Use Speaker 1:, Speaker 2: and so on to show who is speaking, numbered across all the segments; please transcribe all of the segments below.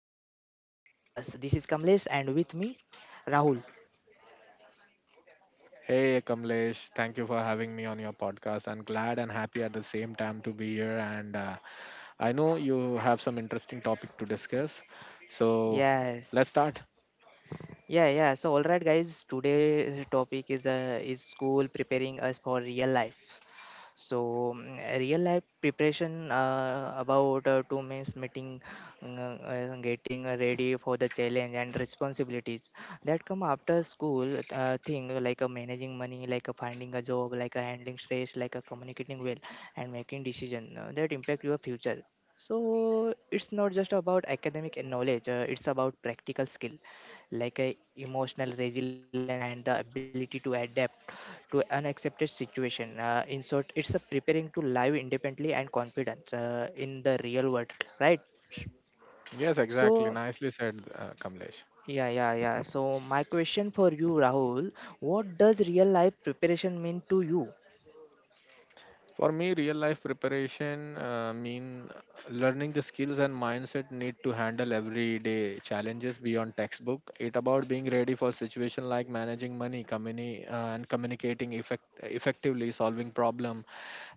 Speaker 1: back to our podcast. This is Kamlesh and with me Rahul.
Speaker 2: Hey Kamlesh, thank you for having me on your podcast. I'm glad and happy at the same time to be here. And I know you have some interesting topic to discuss. So let's
Speaker 1: Yes.
Speaker 2: start.
Speaker 1: Yeah. So all right guys, today's topic is school preparing us for real life. So real life preparation about two means meeting, getting ready for the challenge and responsibilities that come after school thing like managing money, like finding a job, like handling stress, like communicating well and making decision that impact your future. So it's not just about academic and knowledge; it's about practical skill like a emotional resilience and the ability to adapt to unaccepted situation. In short, it's a preparing to live independently and confidence in the real world, right?
Speaker 2: Yes, exactly.
Speaker 1: So,
Speaker 2: Nicely said, Kamlesh.
Speaker 1: yeah, yeah, yeah. So, my question for you, Rahul, what does real life preparation mean to you?
Speaker 2: For me, real life preparation mean learning the skills and mindset need to handle everyday challenges beyond textbook. It about being ready for situation like managing money, and communicating effectively, solving problem,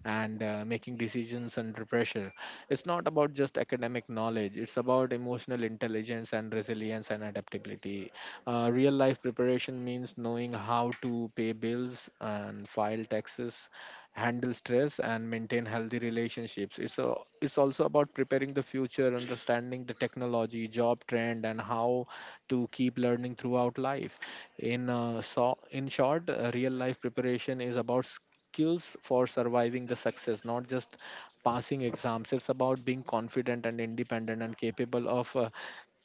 Speaker 2: and making decisions under pressure. It's not about just academic knowledge. It's about emotional intelligence and resilience and adaptability. Real life preparation means knowing how to pay bills and file taxes, handle stress, and maintain healthy relationships. It's also about preparing the future, understanding the technology, job trend, and how to keep learning throughout life. In short, real life preparation is about skills for surviving the success, not just passing exams. It's about being confident and independent and capable of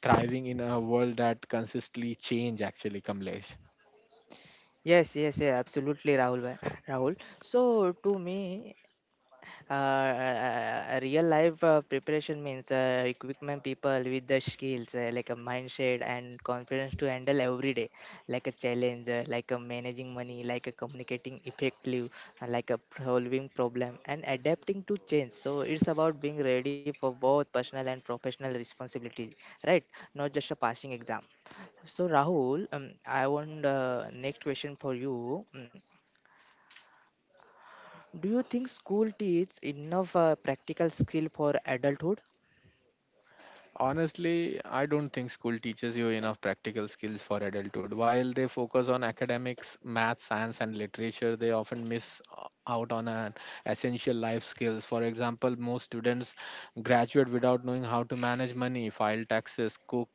Speaker 2: thriving in a world that consistently change, actually, Kamlesh.
Speaker 1: Yes, yeah, Absolutely, Rahul. Rahul. So, to me, Uh, uh, real life preparation means equipment people with the skills like a mindset and confidence to handle every day like a challenge like a managing money like a communicating effectively like a solving problem and adapting to change so it's about being ready for both personal and professional responsibilities right not just a passing exam so rahul I want next question for you do you think school teaches enough practical skill for adulthood?
Speaker 2: Honestly, I don't think school teaches you enough practical skills for adulthood. While they focus on academics, math, science, and literature, they often miss out on an essential life skills. For example, most students graduate without knowing how to manage money, file taxes, cook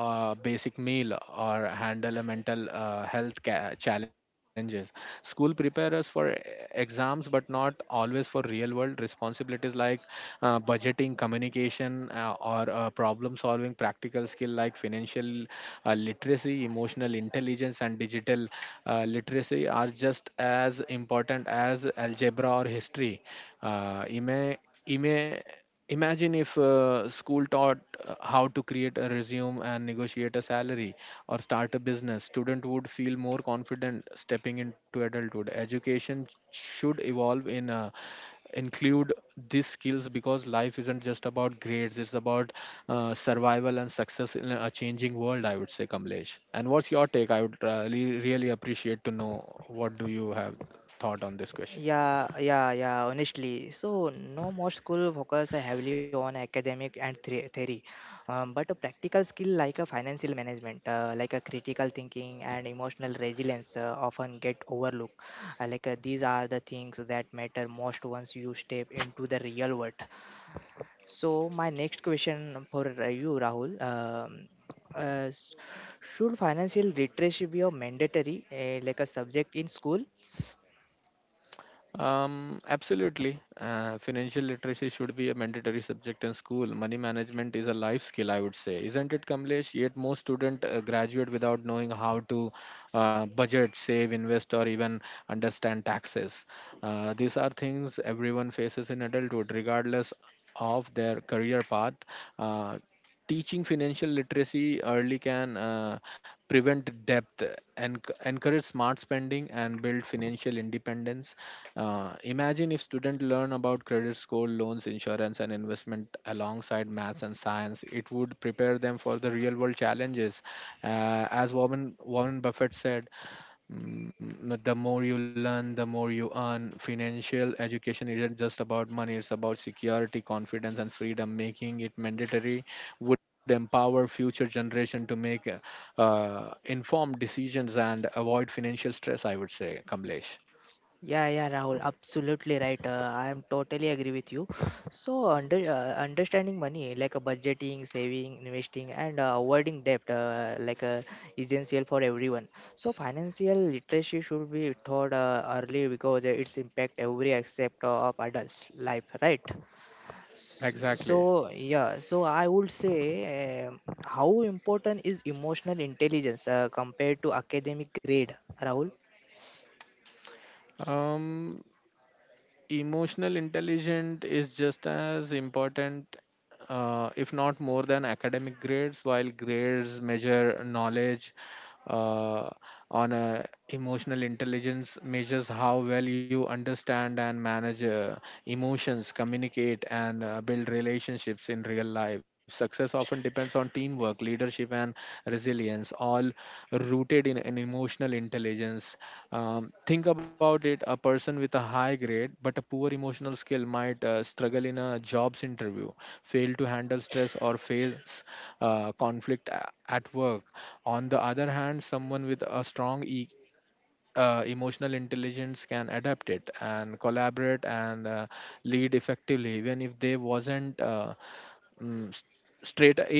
Speaker 2: a basic meal, or handle a mental health challenges. School prepare us for exams, but not always for real world responsibilities like budgeting, communication, or problem solving. Practical skill like financial literacy, emotional intelligence, and digital literacy are just as important as algebra or history. Uh, ima- ima- Imagine if school taught how to create a resume and negotiate a salary or start a business. Student would feel more confident stepping into adulthood. Education should evolve in include these skills because life isn't just about grades. It's about survival and success in a changing world, I would say, Kamlesh. And what's your take? I would really, really appreciate to know what do you have thought on this question.
Speaker 1: Yeah, Honestly. So, no more school focus heavily on academic and theory, but a practical skill like a financial management, like a critical thinking and emotional resilience often get overlooked. These are the things that matter most once you step into the real world. So my next question for you, Rahul, uh, s- should financial literacy be a mandatory, like a subject in school?
Speaker 2: Absolutely. Financial literacy should be a mandatory subject in school. Money management is a life skill, I would say, isn't it, Kamlesh? Yet most students graduate without knowing how to budget, save, invest, or even understand taxes. These are things everyone faces in adulthood, regardless of their career path. Uh, Teaching financial literacy early can prevent debt, and encourage smart spending, and build financial independence. Imagine if students learn about credit score, loans, insurance, and investment alongside maths and science. It would prepare them for the real world challenges. As Warren Buffett said, Mm, the more you learn, the more you earn. Financial education isn't just about money, it's about security, confidence, and freedom. Making it mandatory would empower future generation to make informed decisions and avoid financial stress, I would say, Kamlesh.
Speaker 1: Yeah, Rahul, absolutely right. I am totally agree with you. So, understanding money, like budgeting, saving, investing, and avoiding debt, essential for everyone. So, financial literacy should be taught early because its impact every aspect of adults' life, right? S-
Speaker 2: Exactly.
Speaker 1: So, yeah, so I would say um how important is emotional intelligence compared to academic grade, Rahul?
Speaker 2: Um, Emotional intelligence is just as important, if not more than academic grades. While grades measure knowledge, uh, on a emotional intelligence measures how well you understand and manage emotions, communicate, and build relationships. In real life, success often depends on teamwork, leadership, and resilience, all rooted in emotional intelligence. Think about it. A person with a high grade but a poor emotional skill might struggle in a jobs interview, fail to handle stress, or face conflict at work. On the other hand, someone with a strong emotional intelligence can adapt it and collaborate and lead effectively, even if they wasn't mm, s- straight a, a,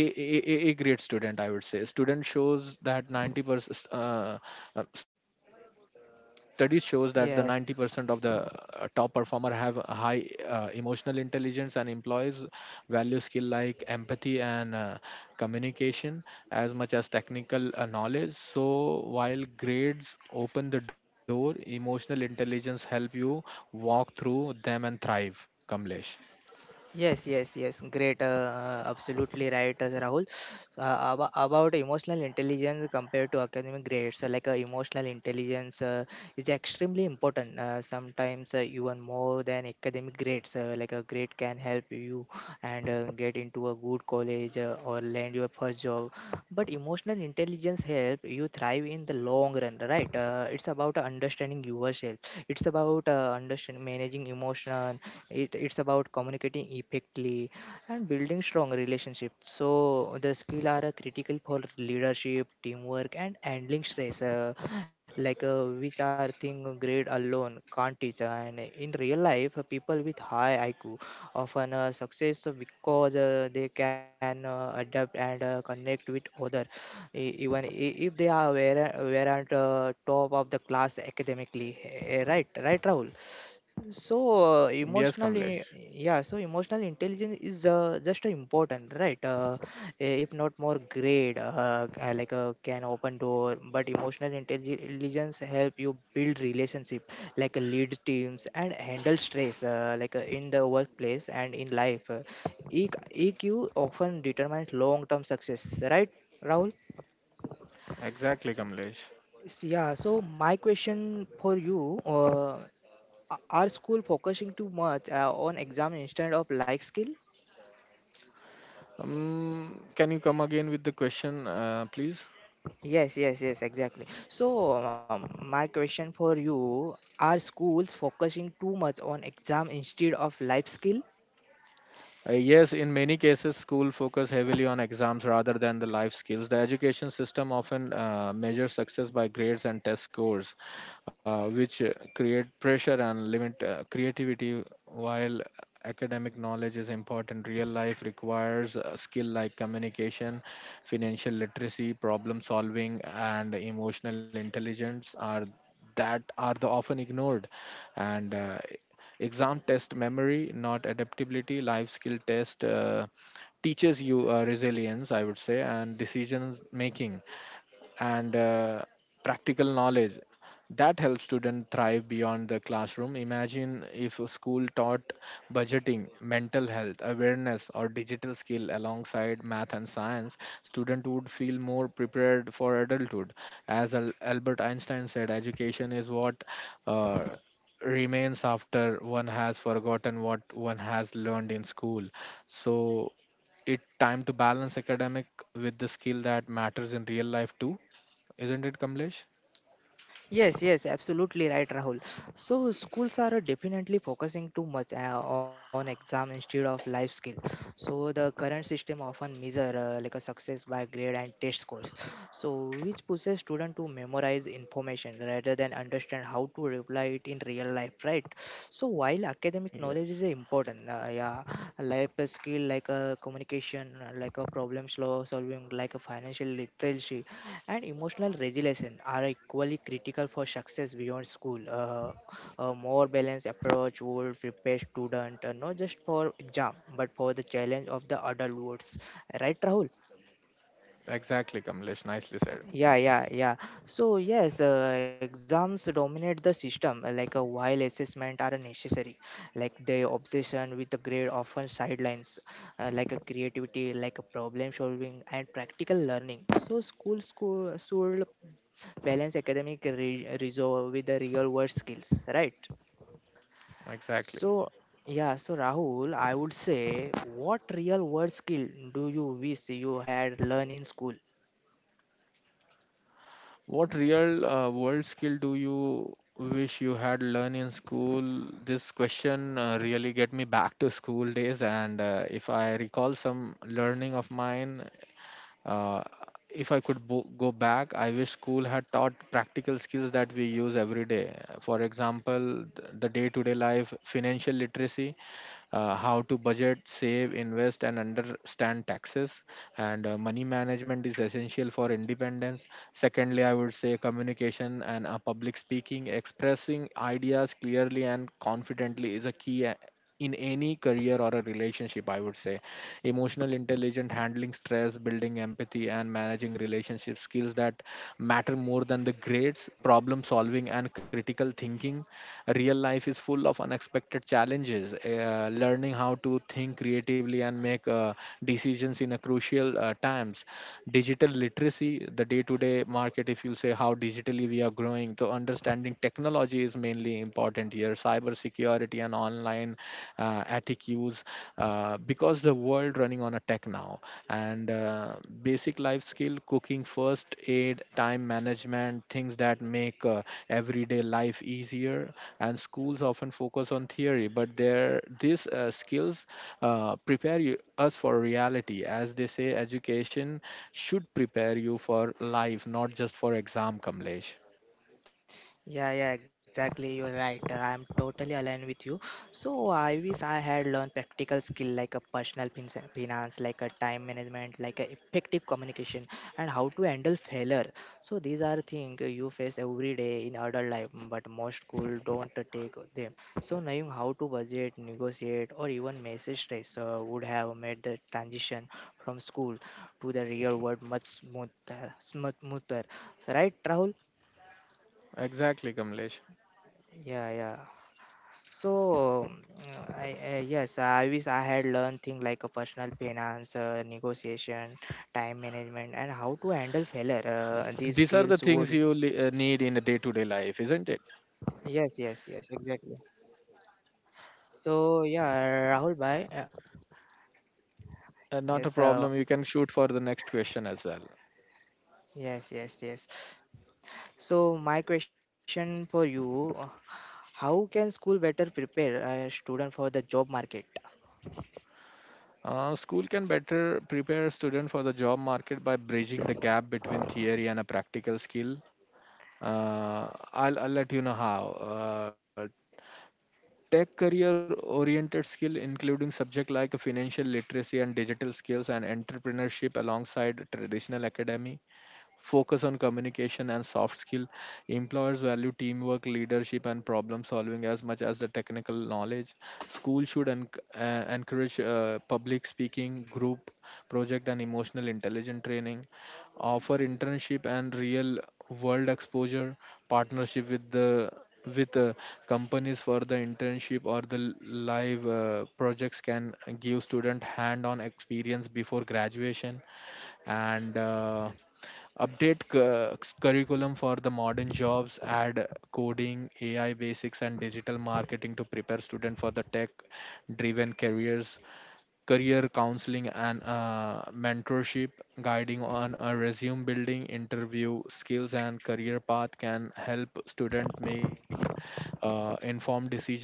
Speaker 2: a, a grade student, I would say. Student shows that 90% Studies shows that the 90% of the
Speaker 1: Yes,
Speaker 2: top performers or have high emotional intelligence, and employs value skill like empathy and communication as much as technical knowledge. So while grades open the door, emotional intelligence help you walk through them and thrive, Kamlesh.
Speaker 1: Yes. Great. Absolutely right, Rahul. So, about emotional intelligence compared to academic grades, emotional intelligence is extremely important. Sometimes even more than academic grades. Like a grade can help you and get into a good college or land your first job. But emotional intelligence help you thrive in the long run, right? It's about understanding yourself. It's about understanding managing emotion, it's about communicating effectively and building strong relationships so the skill are critical for leadership teamwork and handling stress which are thing grade alone can't teach and in real life people with high iq often success because they can adapt and connect with other if they are where weren't top of the class academically right rahul so,
Speaker 2: Yes, Kamlesh.
Speaker 1: yeah, so emotional intelligence is just important, right? If not more great, can open door, but emotional intelligence help you build relationship, lead teams and handle stress, in the workplace and in life. E- EQ often determines long-term success, right, Rahul?
Speaker 2: Exactly, Kamlesh.
Speaker 1: So my question for you, a- Are school focusing too much on exam instead of life skill?
Speaker 2: Can you come again with the question, please?
Speaker 1: Yes, Exactly. So, my question for you, are schools focusing too much on exam instead of life skill?
Speaker 2: Yes, in many cases, school focus heavily on exams rather than the life skills. The education system often measures success by grades and test scores, which create pressure and limit creativity. While academic knowledge is important, real life requires a skill like communication, financial literacy, problem solving, and emotional intelligence are that are the often ignored and. Exam test memory, not adaptability. Life skill test teaches you resilience, I would say, and decisions making, and practical knowledge that helps students thrive beyond the classroom. Imagine if a school taught budgeting, mental health awareness, or digital skill alongside math and science. Student would feel more prepared for adulthood. As Albert Einstein said, education is what uh, remains after one has forgotten what one has learned in school. So it time to balance academic with the skill that matters in real life too, isn't it, Kamlesh?
Speaker 1: Yes, Absolutely right, Rahul. So schools are definitely focusing too much on exam instead of life skill. So the current system often measure like a success by grade and test scores. So which pushes student to memorize information rather than understand how to apply it in real life, right? So while academic
Speaker 2: Yes.
Speaker 1: knowledge is important, yeah, life skill like a communication, like a problem slow solving, like a financial literacy and emotional resilience are equally critical for success beyond school. A more balanced approach would prepare students not just for exam but for the challenge of the adult world. Right, Rahul?
Speaker 2: Exactly, Kamlesh. Nicely said.
Speaker 1: Yeah, yeah, yeah. So yes, exams dominate the system. Like a while assessment are necessary, like the obsession with the grade often sidelines, like a creativity, like a problem solving and practical learning. So school should balance academic resolve with the real world skills right so
Speaker 2: Exactly.
Speaker 1: yeah so rahul I would say what real world skill do you wish you had learned in school
Speaker 2: What real world skill do you wish you had learned in school? This question really get me back to school days, and if I recall some learning of mine. Uh, if I could go back, I wish school had taught practical skills that we use every day. For example, the day to day life, financial literacy, how to budget, save, invest, and understand taxes. And Money management is essential for independence. Secondly, I would say communication and public speaking. Expressing ideas clearly and confidently is a key in any career or a relationship, I would say. Emotional intelligence, handling stress, building empathy, creativity, and managing relationship, skills that matter more than the grades. Problem solving and critical thinking, real life is full of unexpected challenges. Learning how to think creatively and make decisions in a crucial times. Digital literacy, the day to day market, if you say how digitally we are growing, so understanding technology is mainly important here, cybersecurity and online ethics use, because the world running on a tech now. And Basic life skill, cooking, first aid, time management, things that make everyday life easier. And schools often focus on theory, but there these skills prepare you, us for reality. As they say, education should prepare you for life, not just for exam, Kamlesh.
Speaker 1: Yeah, exactly. You're right. I'm totally aligned with you. So I wish I had learned practical skill like a personal finance, like a time management, like a effective communication, and how to handle failure. So these are things you face every day in adult life, but most school don't take them. So knowing how to budget, negotiate, or even message stress would have made the transition from school to the real world much smoother. Right, Rahul?
Speaker 2: Exactly, Kamlesh.
Speaker 1: Yeah, yeah. So, I yes, I wish I had learned things like a personal finance, negotiation, time management, and how to handle failure. These
Speaker 2: These are the
Speaker 1: skills
Speaker 2: things
Speaker 1: would.
Speaker 2: you need in a day-to-day life, isn't it?
Speaker 1: Yes, exactly. So yeah, Rahul bhai.
Speaker 2: Not a
Speaker 1: Yes, uh,
Speaker 2: problem, you can shoot for the next question as well.
Speaker 1: yes, yes, yes. So my question for you: How can school better prepare a student for the job market?
Speaker 2: School can better prepare a student for the job market by bridging the gap between theory and a practical skill. I'll let you know how. Tech career oriented skill, including subject like financial literacy and digital skills and entrepreneurship alongside traditional academy. Focus on communication and soft skill. Employers value teamwork, leadership, and problem solving as much as the technical knowledge. School should encourage public speaking, group project, and emotional intelligence training. Offer internship and real world exposure. Partnership with companies for the internship or the live projects can give student hand on experience before graduation. And Update curriculum for the modern jobs. Add coding, AI basics, and digital marketing to prepare student for the tech driven careers. Career counseling and mentorship, guiding on a resume building, interview skills, and career path can help student make informed decision.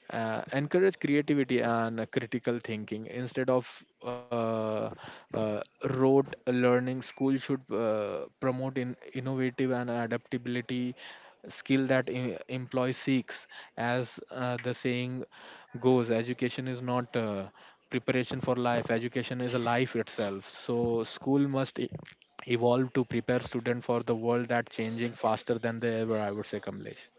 Speaker 2: Encourage creativity and critical thinking instead of uh, uh, rote learning. School should promote in innovative and adaptability, skill that employee seeks. As the saying goes, education is not preparation for life, education is a life itself. So school must evolved to prepare students for the world that changing faster than they ever, I would say, Kamlesh.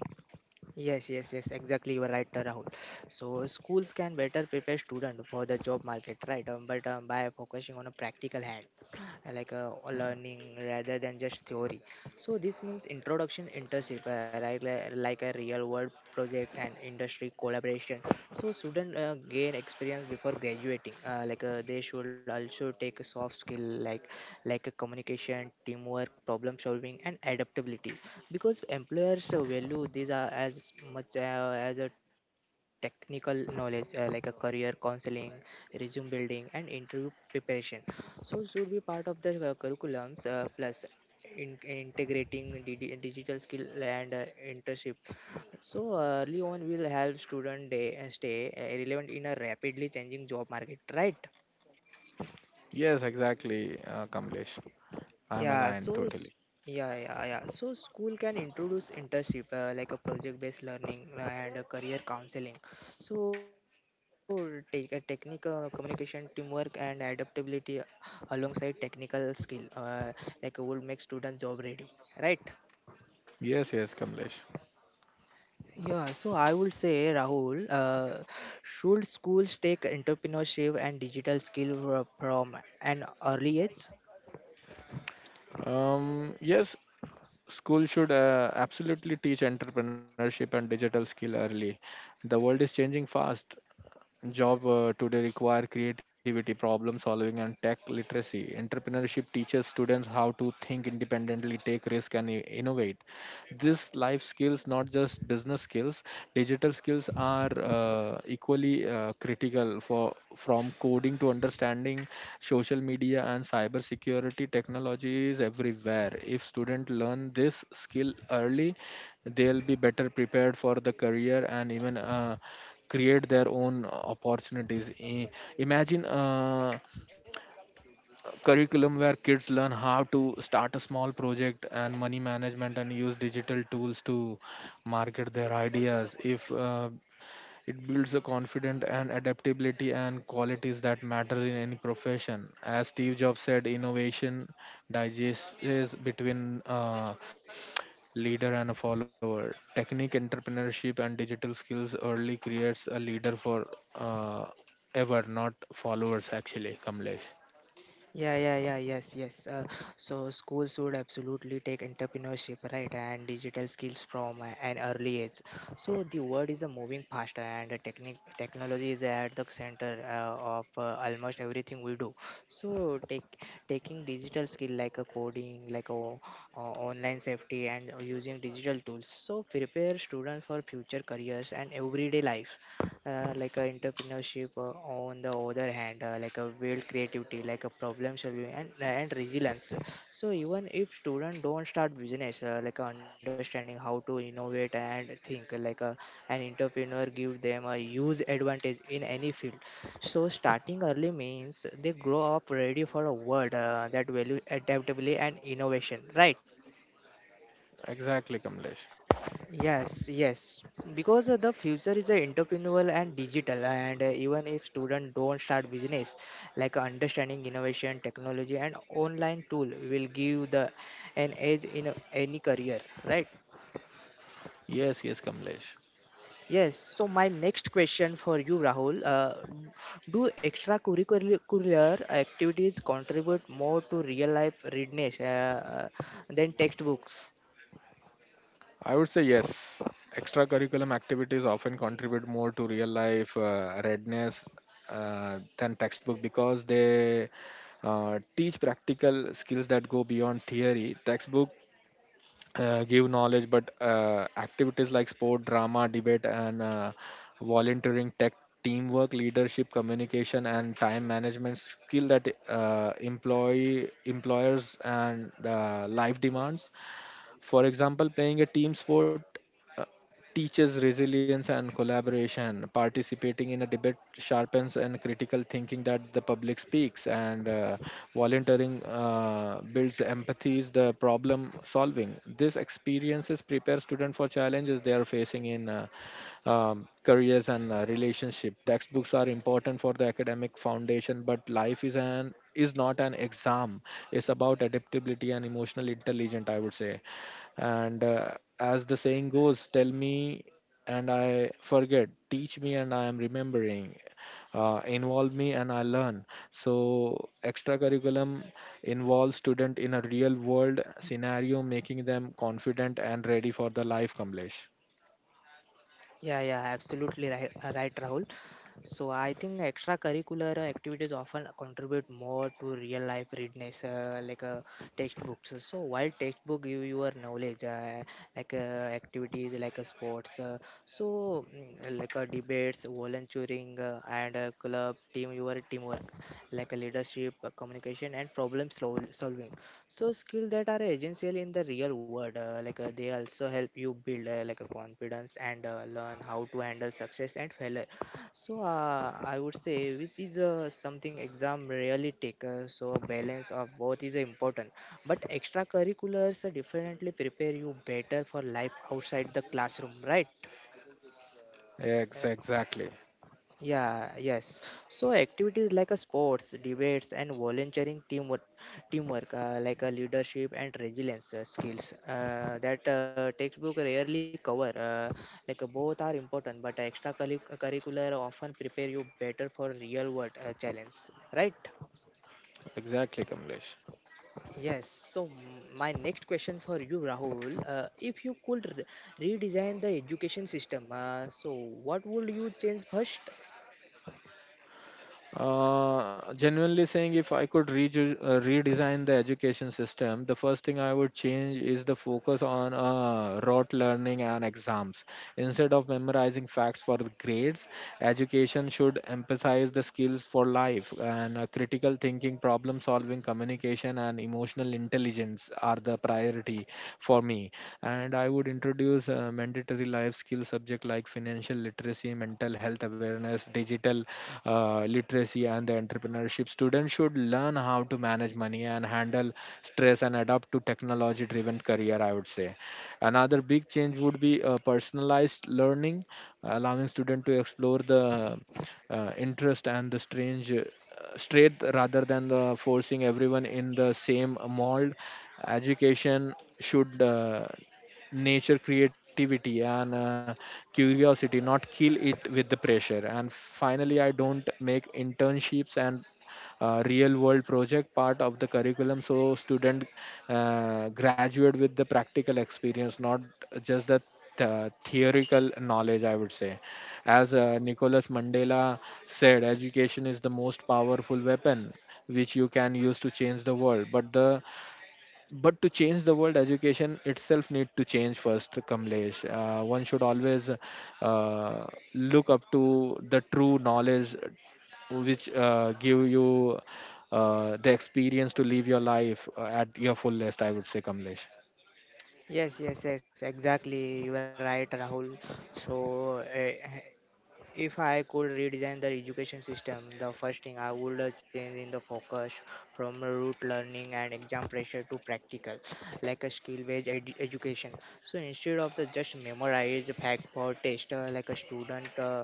Speaker 1: Yes, Exactly. You are right, Rahul. So schools can better prepare student for the job market, right? But by focusing on a practical hand learning rather than just theory so this means introduction internship like a real world project and industry collaboration so students gain experience before graduating they should also take a soft skill like a communication teamwork problem solving and adaptability because employers value these are as much as a technical knowledge like a career counseling resume building and interview preparation so it should be part of the curriculums plus integrating DD, digital skill and internships. So early on will help student stay relevant in a rapidly changing job market, right?
Speaker 2: Yes, exactly, Kamlesh. I am
Speaker 1: Yeah, so
Speaker 2: aligned
Speaker 1: s-
Speaker 2: totally.
Speaker 1: yeah. So school can introduce internship like a project-based learning and a career counseling. So take a technical communication, teamwork, and adaptability alongside technical skill would make students job ready, right?
Speaker 2: Yes, yes, Kamlesh.
Speaker 1: Yeah, so I would say Rahul, should schools take entrepreneurship and digital skill from an early age?
Speaker 2: Yes, school should absolutely teach entrepreneurship and digital skill early. The world is changing fast. Job today require creativity, problem solving, and tech literacy. Entrepreneurship teaches students how to think independently, take risk, and innovate. This life skills, not just business skills. Digital skills are equally critical for, from coding to understanding social media and cyber security, technology is everywhere. If students learn this skill early, they'll be better prepared for the career and even create their own opportunities. Imagine curriculum where kids learn how to start a small project and money management and use digital tools to market their ideas. If It builds a confidence and adaptability and qualities that matter in any profession. As Steve Jobs said, innovation digests between leader and a follower. Technique entrepreneurship and digital skills early creates a leader for uh, ever, not followers, actually, Kamlesh.
Speaker 1: Yeah, yeah, yeah, yes, yes. Uh, so schools would absolutely take entrepreneurship, right, and digital skills from an early age. So the world is moving faster, and technology is at the center of almost everything we do. So take taking digital skill like a coding, like a online safety and using digital tools so prepare students for future careers and everyday life like a entrepreneurship on the other hand like a build creativity like a problem solving and resilience so even if students don't start business understanding how to innovate and think an entrepreneur give them a huge advantage in any field so starting early means they grow up ready for a world that value adaptability and innovation right
Speaker 2: Exactly, Kamlesh.
Speaker 1: Yes, yes, because the future is entrepreneurial and digital, and even if students don't start business, like understanding innovation, technology, and online tool will give the an edge in any career, right?
Speaker 2: Yes, yes, Kamlesh.
Speaker 1: Yes. So my next question for you, Rahul, do extracurricular activities contribute more to real life readiness than textbooks?
Speaker 2: I would say yes. Extracurriculum activities often contribute more to real life readiness than textbook because they teach practical skills that go beyond theory. Textbook give knowledge, but activities like sport, drama, debate, and volunteering, tech, teamwork, leadership, communication, and time management skill that employee employers and life demands. For example, playing a team sport uh, teaches resilience and collaboration. Participating in a debate sharpens and critical thinking that the public speaks, and volunteering builds empathy, is the problem solving. This experiences prepare students for challenges they are facing in careers and relationship. Textbooks are important for the academic foundation, but life is not an exam. It's about adaptability and emotional intelligence, I would say. And As the saying goes, tell me and I forget, teach me and I am remembering, involve me and I learn. So extracurriculum involves student in a real world scenario, making them confident and ready for the life, Kamlesh.
Speaker 1: Yeah, Absolutely right, right, Rahul. So I think extracurricular activities often contribute more to real life readiness, textbooks. So while textbook give your knowledge, like uh, activities like sports, debates, volunteering, and club team, your teamwork, leadership, communication, and problem solving. So skills that are essential in the real world, they also help you build like a confidence and learn how to handle success and failure so I would say this is something exam really take. So a balance of both is important. But extracurriculars definitely prepare you better for life outside the classroom, right? Uh,
Speaker 2: Exactly.
Speaker 1: yeah, yes. So activities like a sports, debates, and volunteering teamwork, teamwork like a leadership and resilience skills that textbook rarely cover. Both are important, but extracurricular often prepare you better for real world challenge, right?
Speaker 2: Exactly, Kamlesh.
Speaker 1: Yes. So my next question for you, Rahul, if you could redesign the education system, so what would you change first?
Speaker 2: Genuinely saying, if I could redesign the education system, the first thing I would change is the focus on rote learning and exams. Instead of memorizing facts for the grades, education should emphasize the skills for life and critical thinking, problem solving, communication, and emotional intelligence are the priority for me, and I would introduce mandatory life skill subject like financial literacy, mental health awareness, digital literacy, and the entrepreneurship. Students should learn how to manage money and handle stress and adapt to technology driven career, I would say. Another big change would be personalized learning, allowing students to explore the interest and the strange straight rather than the forcing everyone in the same mold. Education should nature creativity and curiosity, not kill it with the pressure. And finally, I don't make internships and real world project part of the curriculum, so student graduate with the practical experience, not just the theoretical knowledge, I would say. As Nicholas Mandela said, education is the most powerful weapon which you can use to change the world. But the but to change the world, education itself need to change first, Kamlesh. One should always look up to the true knowledge which give you the experience to live your life at your fullest, I would say, Kamlesh.
Speaker 1: Yes, Exactly. You are right, Rahul. So, if I could redesign the education system, the first thing I would change in the focus from root learning and exam pressure to practical, like a skill-based education. So, instead of the just memorize fact for test, like a student.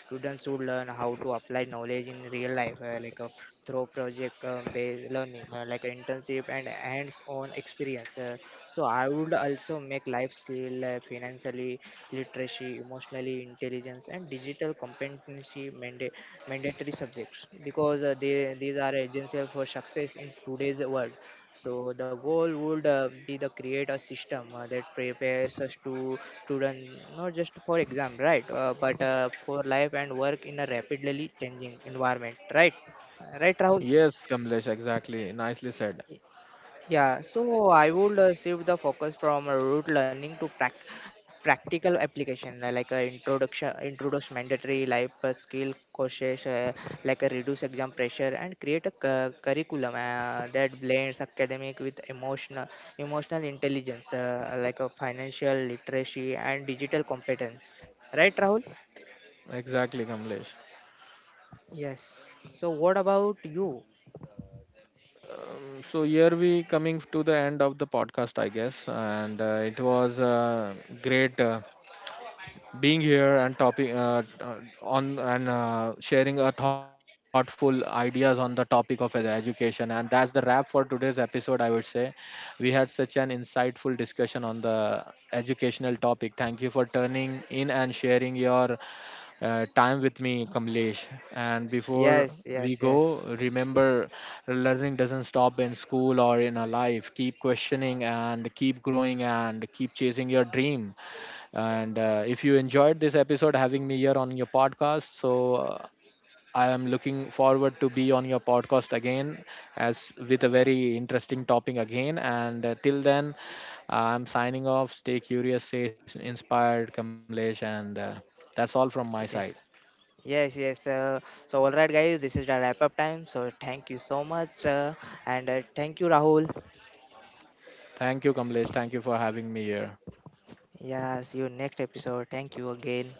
Speaker 1: Students should learn how to apply knowledge in real life, through project-based learning, like internship and hands-on experience. So I would also make life skill, financially literacy, emotionally intelligence, and digital competency mandatory subjects because these are essential for success in today's world. So the goal would be to create a system that prepares us to students not just for exam, right, but for life and work in a rapidly changing environment, right? Right, Rahul?
Speaker 2: Yes, Kamlesh, exactly. Nicely said.
Speaker 1: Yeah, so I would shift the focus from rote learning to practical application, introduce mandatory life skill courses, reduce exam pressure, and create a curriculum that blends academic with emotional intelligence, financial literacy and digital competence. Right, Rahul?
Speaker 2: Exactly, Kamlesh.
Speaker 1: Yes. So, what about you?
Speaker 2: So here we coming to the end of the podcast, I guess, and it was a great. Being here and topic on and sharing a thoughtful ideas on the topic of education, and that's the wrap for today's episode, I would say. We had such an insightful discussion on the educational topic. Thank you for turning in and sharing your time with me, Kamlesh. And before
Speaker 1: Yes,
Speaker 2: we
Speaker 1: yes,
Speaker 2: go, remember, learning doesn't stop in school or in a life. Keep questioning and keep growing and keep chasing your dream. And If you enjoyed this episode having me here on your podcast, so I am looking forward to be on your podcast again as with a very interesting topic again. And Till then, I'm signing off. Stay curious, stay inspired, Kamlesh. And That's all from my side.
Speaker 1: yes. Yes, yes. So, all right, guys, this is the wrap up time. So, thank you so much. And thank you, Rahul.
Speaker 2: Thank you, Kamlesh. Thank you for having me here.
Speaker 1: Yeah, see you next episode. Thank you again.